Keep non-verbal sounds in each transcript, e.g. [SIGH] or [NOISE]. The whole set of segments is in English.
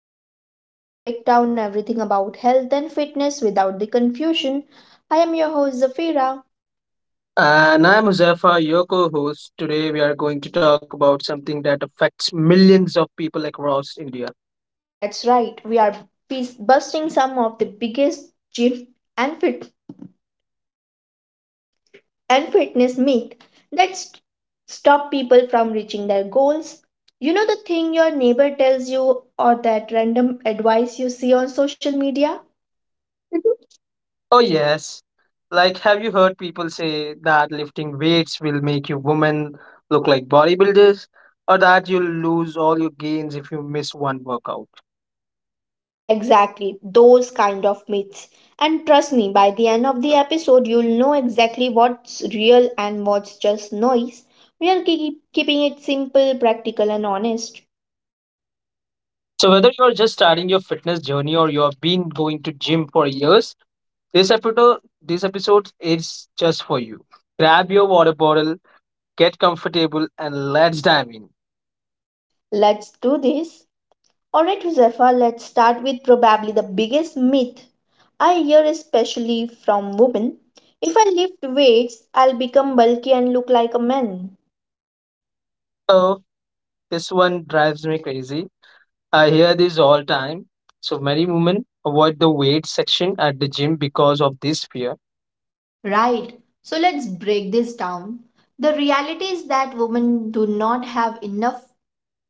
the podcast where we break down everything about health and fitness without the confusion. I am your host Zafira. And I'm Muzaffar, your co host. Today, we are going to talk about something that affects millions of people across India. That's right, we are busting some of the biggest gym and fit and fitness myth that stop people from reaching their goals. You know the thing your neighbor tells you or that random advice you see on social media? Oh, yes. Like, have you heard people say that lifting weights will make you women look like bodybuilders, or that you'll lose all your gains if you miss one workout? Exactly, those kind of myths. And trust me, by the end of the episode, you'll know exactly what's real and what's just noise. We are keeping it simple, practical, and honest. So, whether you're just starting your fitness journey or you've been going to gym for years, this episode is just for you. Grab your water bottle, get comfortable, and let's dive in. Let's do this. Alright, Josefa, let's start with probably the biggest myth I hear, especially from women. If I lift weights, I'll become bulky and look like a man. So. This one drives me crazy. I hear this all time. So many women avoid the weight section at the gym because of this fear. Right, so let's break this down. The reality is that women do not have enough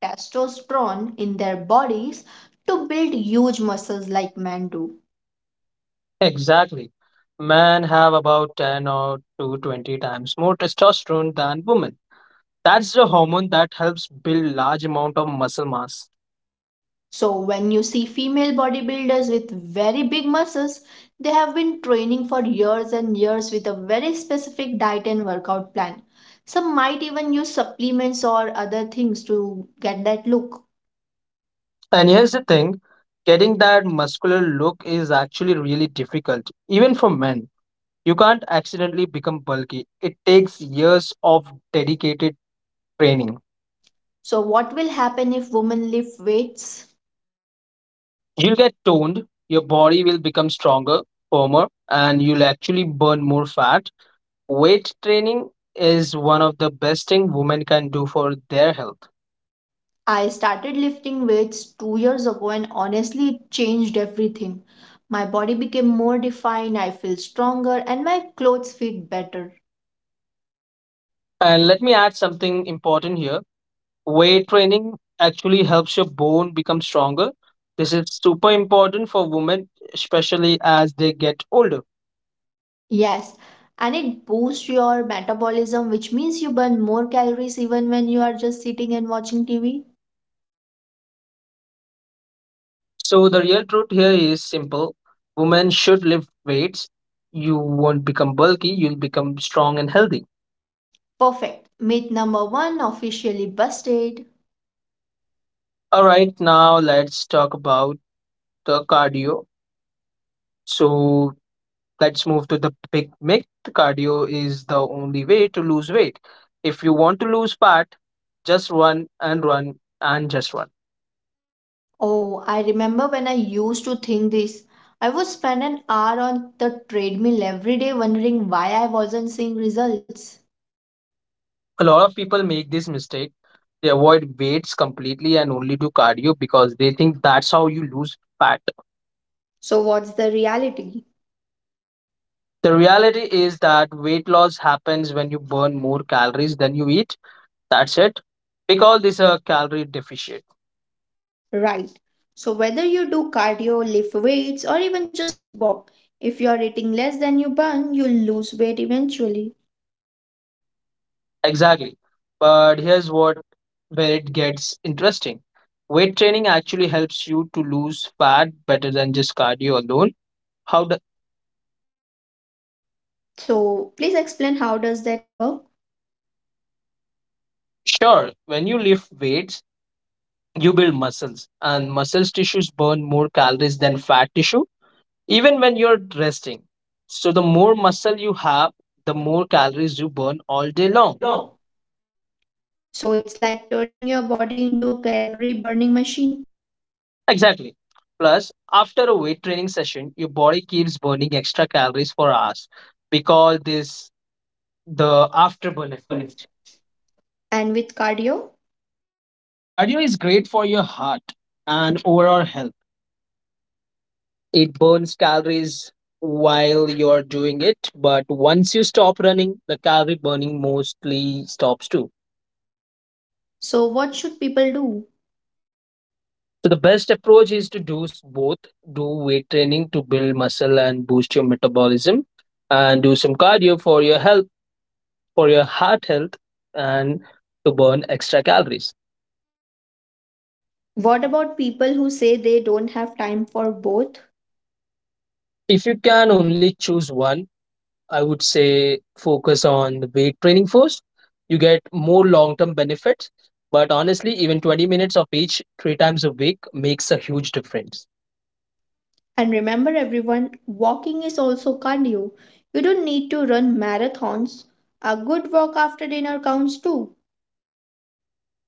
testosterone in their bodies to build huge muscles like men do. Exactly. Men have about 10 or to 20 times more testosterone than women. That's the hormone that helps build large amount of muscle mass. So, when you see female bodybuilders with very big muscles, they have been training for years and years with a very specific diet and workout plan. Some might even use supplements or other things to get that look. And here's the thing, getting that muscular look is actually really difficult even for men. You can't accidentally become bulky. It takes years of dedicated training. So, what will happen if women lift weights? You'll get toned, your body will become stronger, firmer, and you'll actually burn more fat. Weight training is one of the best thing women can do for their health. I started lifting weights 2 years ago and honestly it changed everything. My body became more defined, I feel stronger, and my clothes fit better. And let me add something important here. Weight training actually helps your bone become stronger. This is super important for women, especially as they get older. Yes, and it boosts your metabolism, which means you burn more calories even when you are just sitting and watching TV. So the real truth here is simple. Women should lift weights. You won't become bulky, you'll become strong and healthy. Perfect. Myth number one officially busted. All right, now let's talk about the cardio. So let's move to the big myth. Cardio is the only way to lose weight. If you want to lose fat, just run and run and just run. Oh, I remember when I used to think this. I would spend an hour on the treadmill every day wondering why I wasn't seeing results. A lot of people make this mistake. They avoid weights completely and only do cardio because they think that's how you lose fat. So, what's the reality? The reality is that weight loss happens when you burn more calories than you eat. That's it. We call this a calorie deficit. Right. So, whether you do cardio, lift weights, or even just walk, if you are eating less than you burn, you'll lose weight eventually. Exactly. But here's what where it gets interesting. Weight training actually helps you to lose fat better than just cardio alone. How the, So, please explain how does that work? sure, when you lift weights, you build muscles and muscles tissues burn more calories than fat tissue even when you're resting. So the more muscle you have, the more calories you burn all day long. So, it's like turning your body into a calorie burning machine. Exactly. Plus, after a weight training session, your body keeps burning extra calories for hours because this the afterburn And effect. with cardio, Cardio is great for your heart and overall health. It burns calories while you're doing it, but once you stop running, the calorie burning mostly stops too. so what should people do? So the best approach is to do both, do weight training to build muscle and boost your metabolism and do some cardio for your health, for your heart health and to burn extra calories. What about people who say they don't have time for both? If you can only choose one, I would say focus on the weight training first. You get more long term benefits, but honestly, even 20 minutes of each three times a week makes a huge difference. And remember, everyone, walking is also cardio. You don't need to run marathons. A good walk after dinner counts too.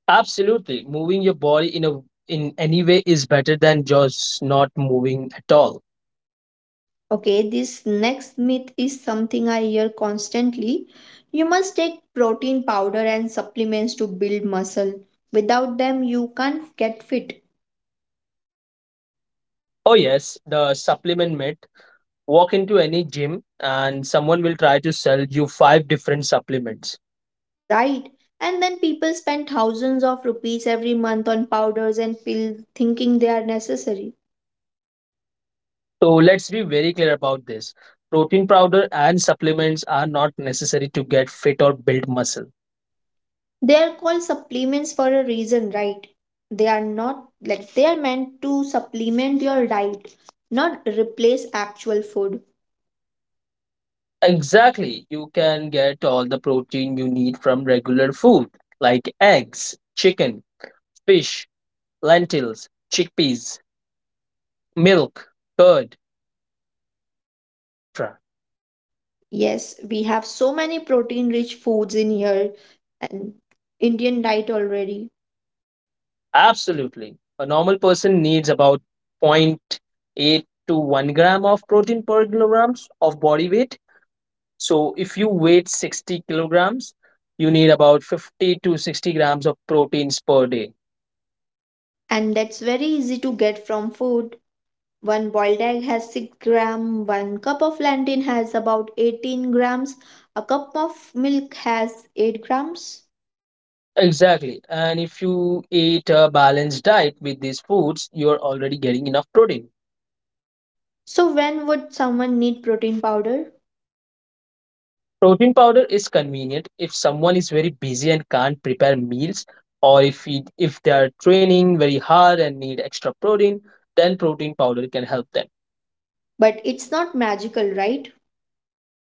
Absolutely, moving your body in any way is better than just not moving at all. Okay, this next myth is something I hear constantly. You must take protein powder and supplements to build muscle. Without them, you can't get fit, Oh yes, the supplement myth. Walk into any gym and someone will try to sell you five different supplements. right? And then people spend thousands of rupees every month on powders and pills thinking they are necessary. So let's be very clear about this. Protein powder and supplements are not necessary to get fit or build muscle. They are called supplements for a reason, right? They are not like they are meant to supplement your diet, not replace actual food. Exactly. You can get all the protein you need from regular food like eggs, chicken, fish, lentils, chickpeas, milk, curd, etc. Yes, we have so many protein rich foods in here and Indian diet already. Absolutely. A normal person needs about zero point 0.8 to 1 gram of protein per kilograms of body weight. So if you weight 60 kilograms, you need about 50 to 60 grams of proteins per day. And that's very easy to get from food. One boiled egg has 6 gram, one cup of plantain has about 18 grams, a cup of milk has 8 grams. Exactly. And if you eat a balanced diet with these foods, you're already getting enough protein. So when would someone need protein powder? Protein powder is convenient if someone is very busy and can't prepare meals, or if they are training very hard and need extra protein, then protein powder can help them. But it's not magical, right?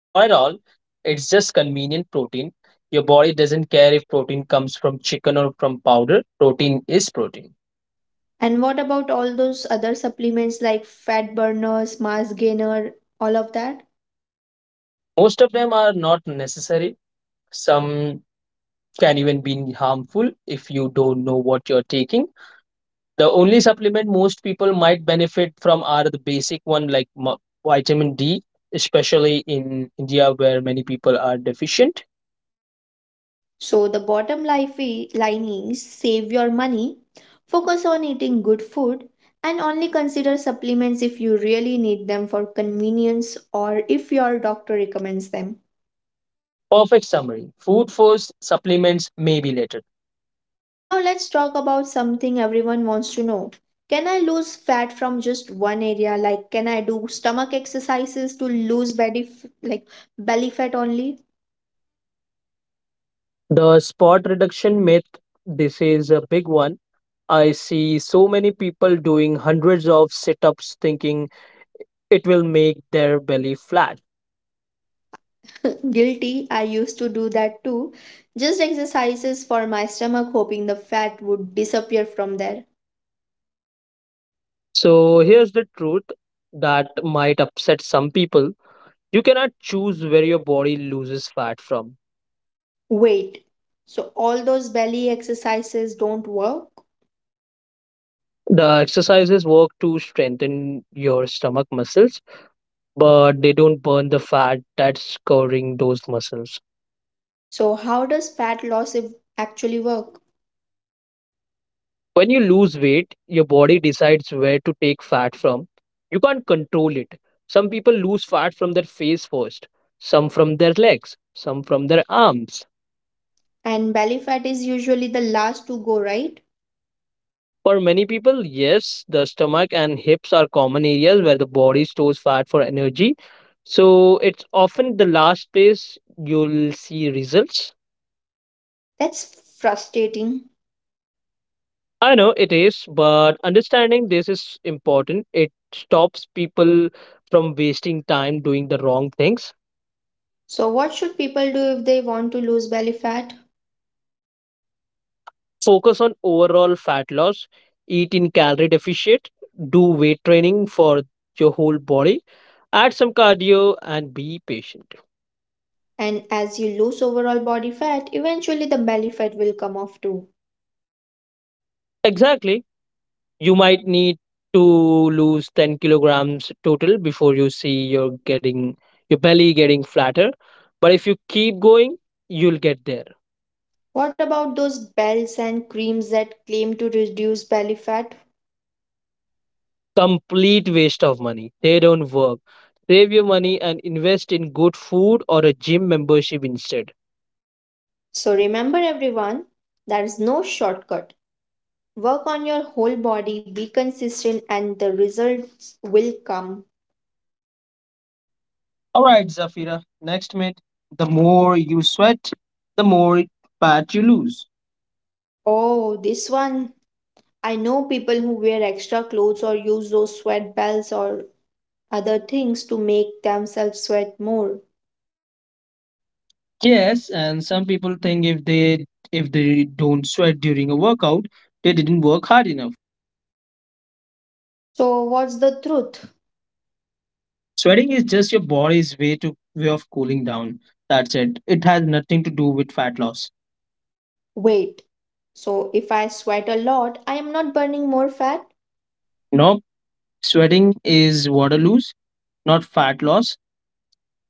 Not at all. It's just convenient protein. Your body doesn't care if protein comes from chicken or from powder. Protein is protein. And what about all those other supplements like fat burners, mass gainer, all of that? Most of them are not necessary. Some can even be harmful if you don't know what you're taking. The only supplement most people might benefit from are the basic one like vitamin D, especially in India where many people are deficient. So the bottom line is save your money, focus on eating good food, and only consider supplements if you really need them for convenience or if your doctor recommends them. Perfect summary. Food first, supplements maybe later. Now let's talk about something everyone wants to know. Can I lose fat from just one area? Like, can I do stomach exercises to lose belly, like belly fat only? The spot reduction myth, this is a big one. I see so many people doing hundreds of sit ups thinking it will make their belly flat. [LAUGHS] Guilty, I used to do that too. Just exercises for my stomach, hoping the fat would disappear from there. So, here's the truth that might upset some people: you cannot choose where your body loses fat from. Wait, so all those belly exercises don't work? The exercises work to strengthen your stomach muscles, but they don't burn the fat that's covering those muscles. So how does fat loss if- actually work? When you lose weight, your body decides where to take fat from. You can't control it. Some people lose fat from their face first, some from their legs, some from their arms. And belly fat is usually the last to go, right? For many people, yes, the stomach and hips are common areas where the body stores fat for energy. So it's often the last place you'll see results. That's frustrating. I know it is, but understanding this is important. It stops people from wasting time doing the wrong things. So, what should people do if they want to lose belly fat? Focus on overall fat loss, eat in calorie deficit, do weight training for your whole body, add some cardio, and be patient. And as you lose overall body fat, eventually the belly fat will come off too. Exactly. You might need to lose 10 kilograms total before you see you're getting your belly getting flatter. But if you keep going, you'll get there. What about those bells and creams that claim to reduce belly fat? Complete waste of money. They don't work. Save your money and invest in good food or a gym membership instead. So, remember everyone, there is no shortcut. Work on your whole body, be consistent, and the results will come. All right, Zafira, next myth. The more you sweat, the more fat you lose. Oh, this one. I know people who wear extra clothes or use those sweat bells or other things to make themselves sweat more. Yes, and some people think if they don't sweat during a workout, they didn't work hard enough. So, what's the truth? Sweating is just your body's way of cooling down. That's it. It has nothing to do with fat loss. Weight. So, if I sweat a lot, I am not burning more fat. No, sweating is water loss, not fat loss.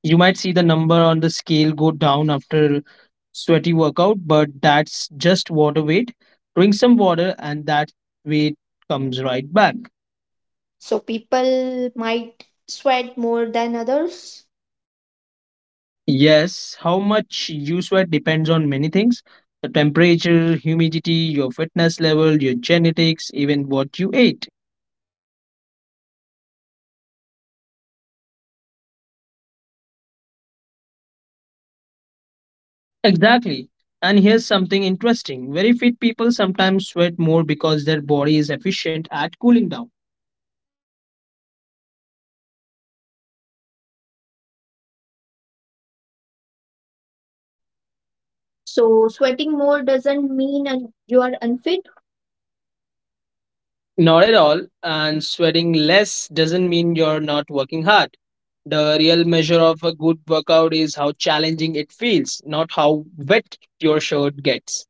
You might see the number on the scale go down after sweaty workout, but that's just water weight. Drink some water and that weight comes right back. So, people might sweat more than others. Yes, how much you sweat depends on many things: the temperature, humidity, your fitness level, your genetics, even what you ate. I have noticed that I sweat more in summer workouts than winter workouts, but the workout is the same. Exactly. And here's something interesting: very fit people sometimes sweat more because their body is efficient at cooling down. So, sweating more doesn't mean you are unfit. Not at all. And sweating less doesn't mean you're not working hard. The real measure of a good workout is how challenging it feels, not how wet your shirt gets.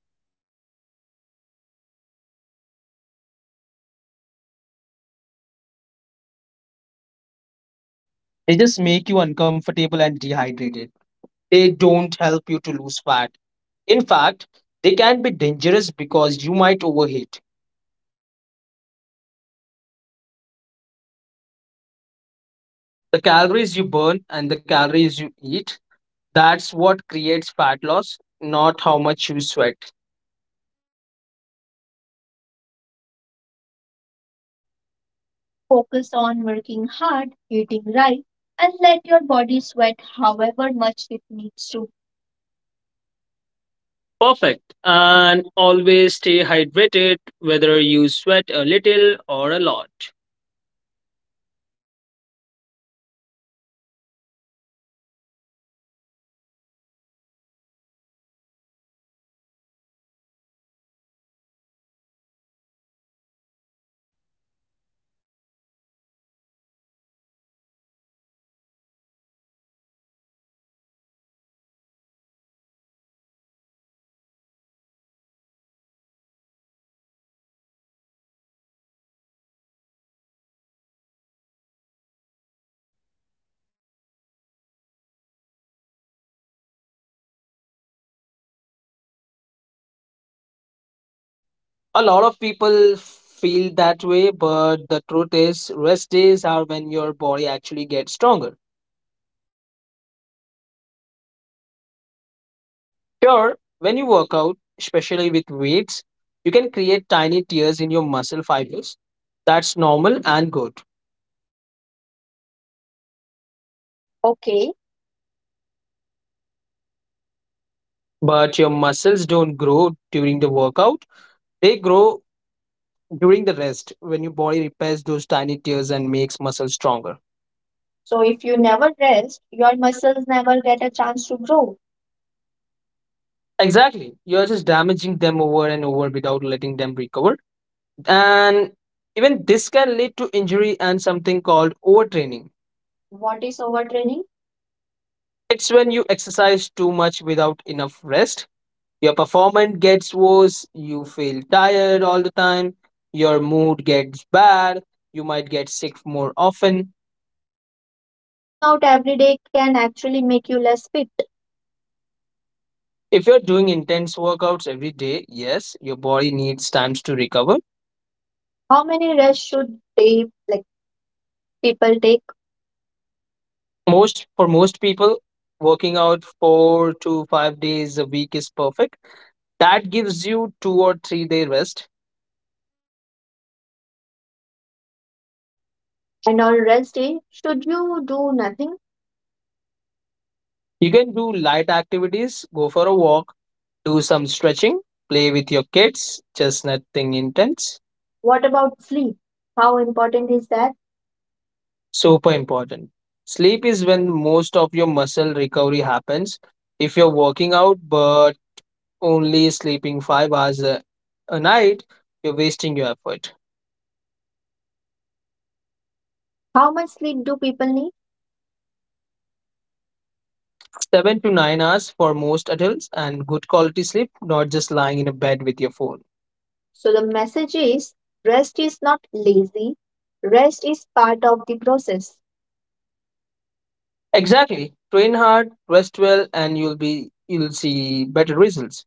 What about those sauna suits and sweat belts? They just make you uncomfortable and dehydrated. They don't help you to lose fat. In fact, they can be dangerous because you might overheat. So, if someone wants to lose fat, what matters? The calories you burn and the calories you eat, that's what creates fat loss, not how much you sweat. Focus on working hard, eating right, and let your body sweat however much it needs to. Perfect. And always stay hydrated, whether you sweat a little or a lot. Let's talk about rest now. I hear this is a lot. You should work out every single day. Rest days are for lazy people. This is such a dangerous myth. I have seen so many people hurt themselves because they never take rest days. I used to feel guilty A lot of people feel that way, but the truth is, rest days are when your body actually gets stronger. Sure, when you work out, especially with weights, you can create tiny tears in your muscle fibers. That's normal and good. Okay, but your muscles don't grow during the workout, they grow during the rest when your body repairs those tiny tears and makes muscles stronger. So if you never rest, your muscles never get a chance to grow. Exactly, you're just damaging them over and over without letting them recover, and even this can lead to injury and something called overtraining. What is overtraining? It's when you exercise too much without enough rest. Your performance gets worse, you feel tired all the time, your mood gets bad, you might get sick more often. So, working out every day can actually make you less fit. If you're doing intense workouts every day, yes, your body needs times to recover. How many rests should they, like people take? Most for most people, working out 4 to 5 days a week is perfect. That gives you 2 or 3-day rest. And on rest day, should you do nothing? You can do light activities, go for a walk, do some stretching, play with your kids, just nothing intense. What about sleep? How important is that? Super important. Sleep is when most of your muscle recovery happens. If you're working out but only sleeping 5 hours a night, you're wasting your effort. How much sleep do people need? 7 to 9 hours for most adults and good quality sleep, not just lying in a bed with your phone. So the message is: rest is not lazy, rest is part of the process. Exactly. Train hard, rest well, and you'll see better results.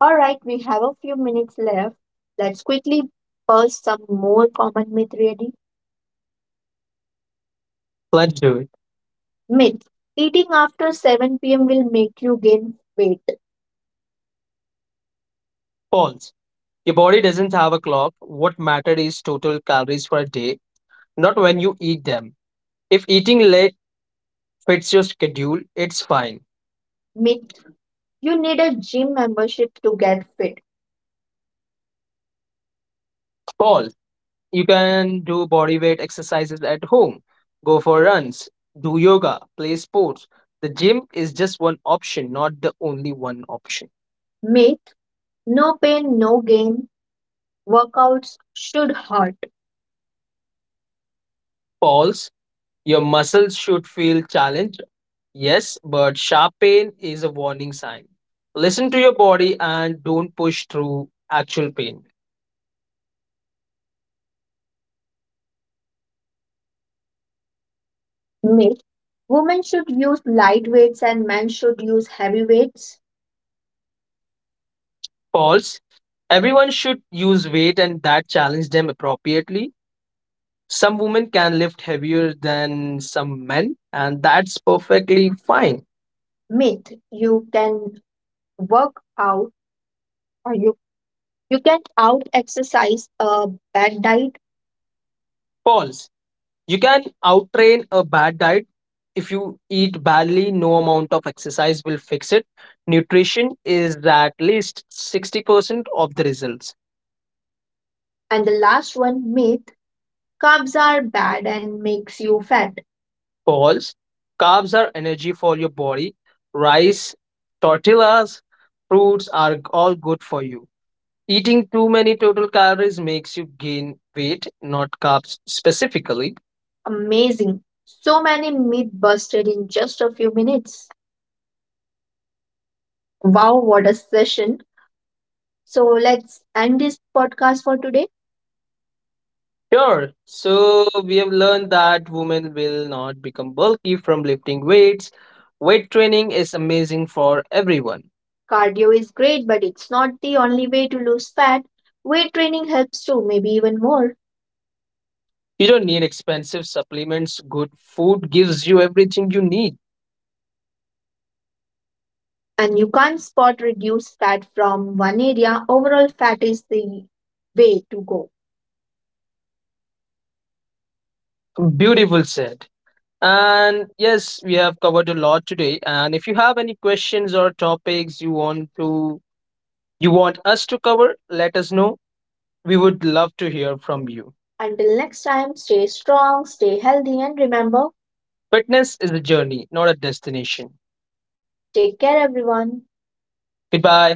All right, we have a few minutes left. Let's quickly purge some more common myth, ready? Let's do it. Myth: eating after 7 p.m. will make you gain weight. False. Your body doesn't have a clock. What matters is total calories for a day, not when you eat them. If eating late fits your schedule, it's fine. Myth: you need a gym membership to get fit. Paul, you can do body weight exercises at home, go for runs, do yoga, play sports. The gym is just one option, not the only one option. Myth: no pain, no gain. Workouts should hurt. Paul. Your muscles should feel challenged, yes, but sharp pain is a warning sign. Listen to your body and don't push through actual pain. Myth: women should use light weights and men should use heavy weights. False. Everyone should use weight and that challenge them appropriately. Some women can lift heavier than some men, and that's perfectly fine. Myth: you can work out or you can out exercise a bad diet. False. You can outtrain a bad diet. If you eat badly, no amount of exercise will fix it. Nutrition is at least 60% of the results. And the last one myth: carbs are bad and makes you fat. False. Carbs are energy for your body. Rice, tortillas, fruits are all good for you. Eating too many total calories makes you gain weight, not carbs specifically. Amazing. So many myth busted in just a few minutes. Wow, what a session. So let's end this podcast for today. Sure. So we have learned that women will not become bulky from lifting weights. Weight training is amazing for everyone. Cardio is great, but it's not the only way to lose fat. Weight training helps too, maybe even more. You don't need expensive supplements. Good food gives you everything you need. And you can't spot reduced fat from one area. Overall, fat is the way to go. Beautiful said. And yes, we have covered a lot today. And if you have any questions or topics you want us to cover, let us know. We would love to hear from you. Until next time, stay strong, stay healthy, and remember: fitness is a journey, not a destination. Take care, everyone. Goodbye.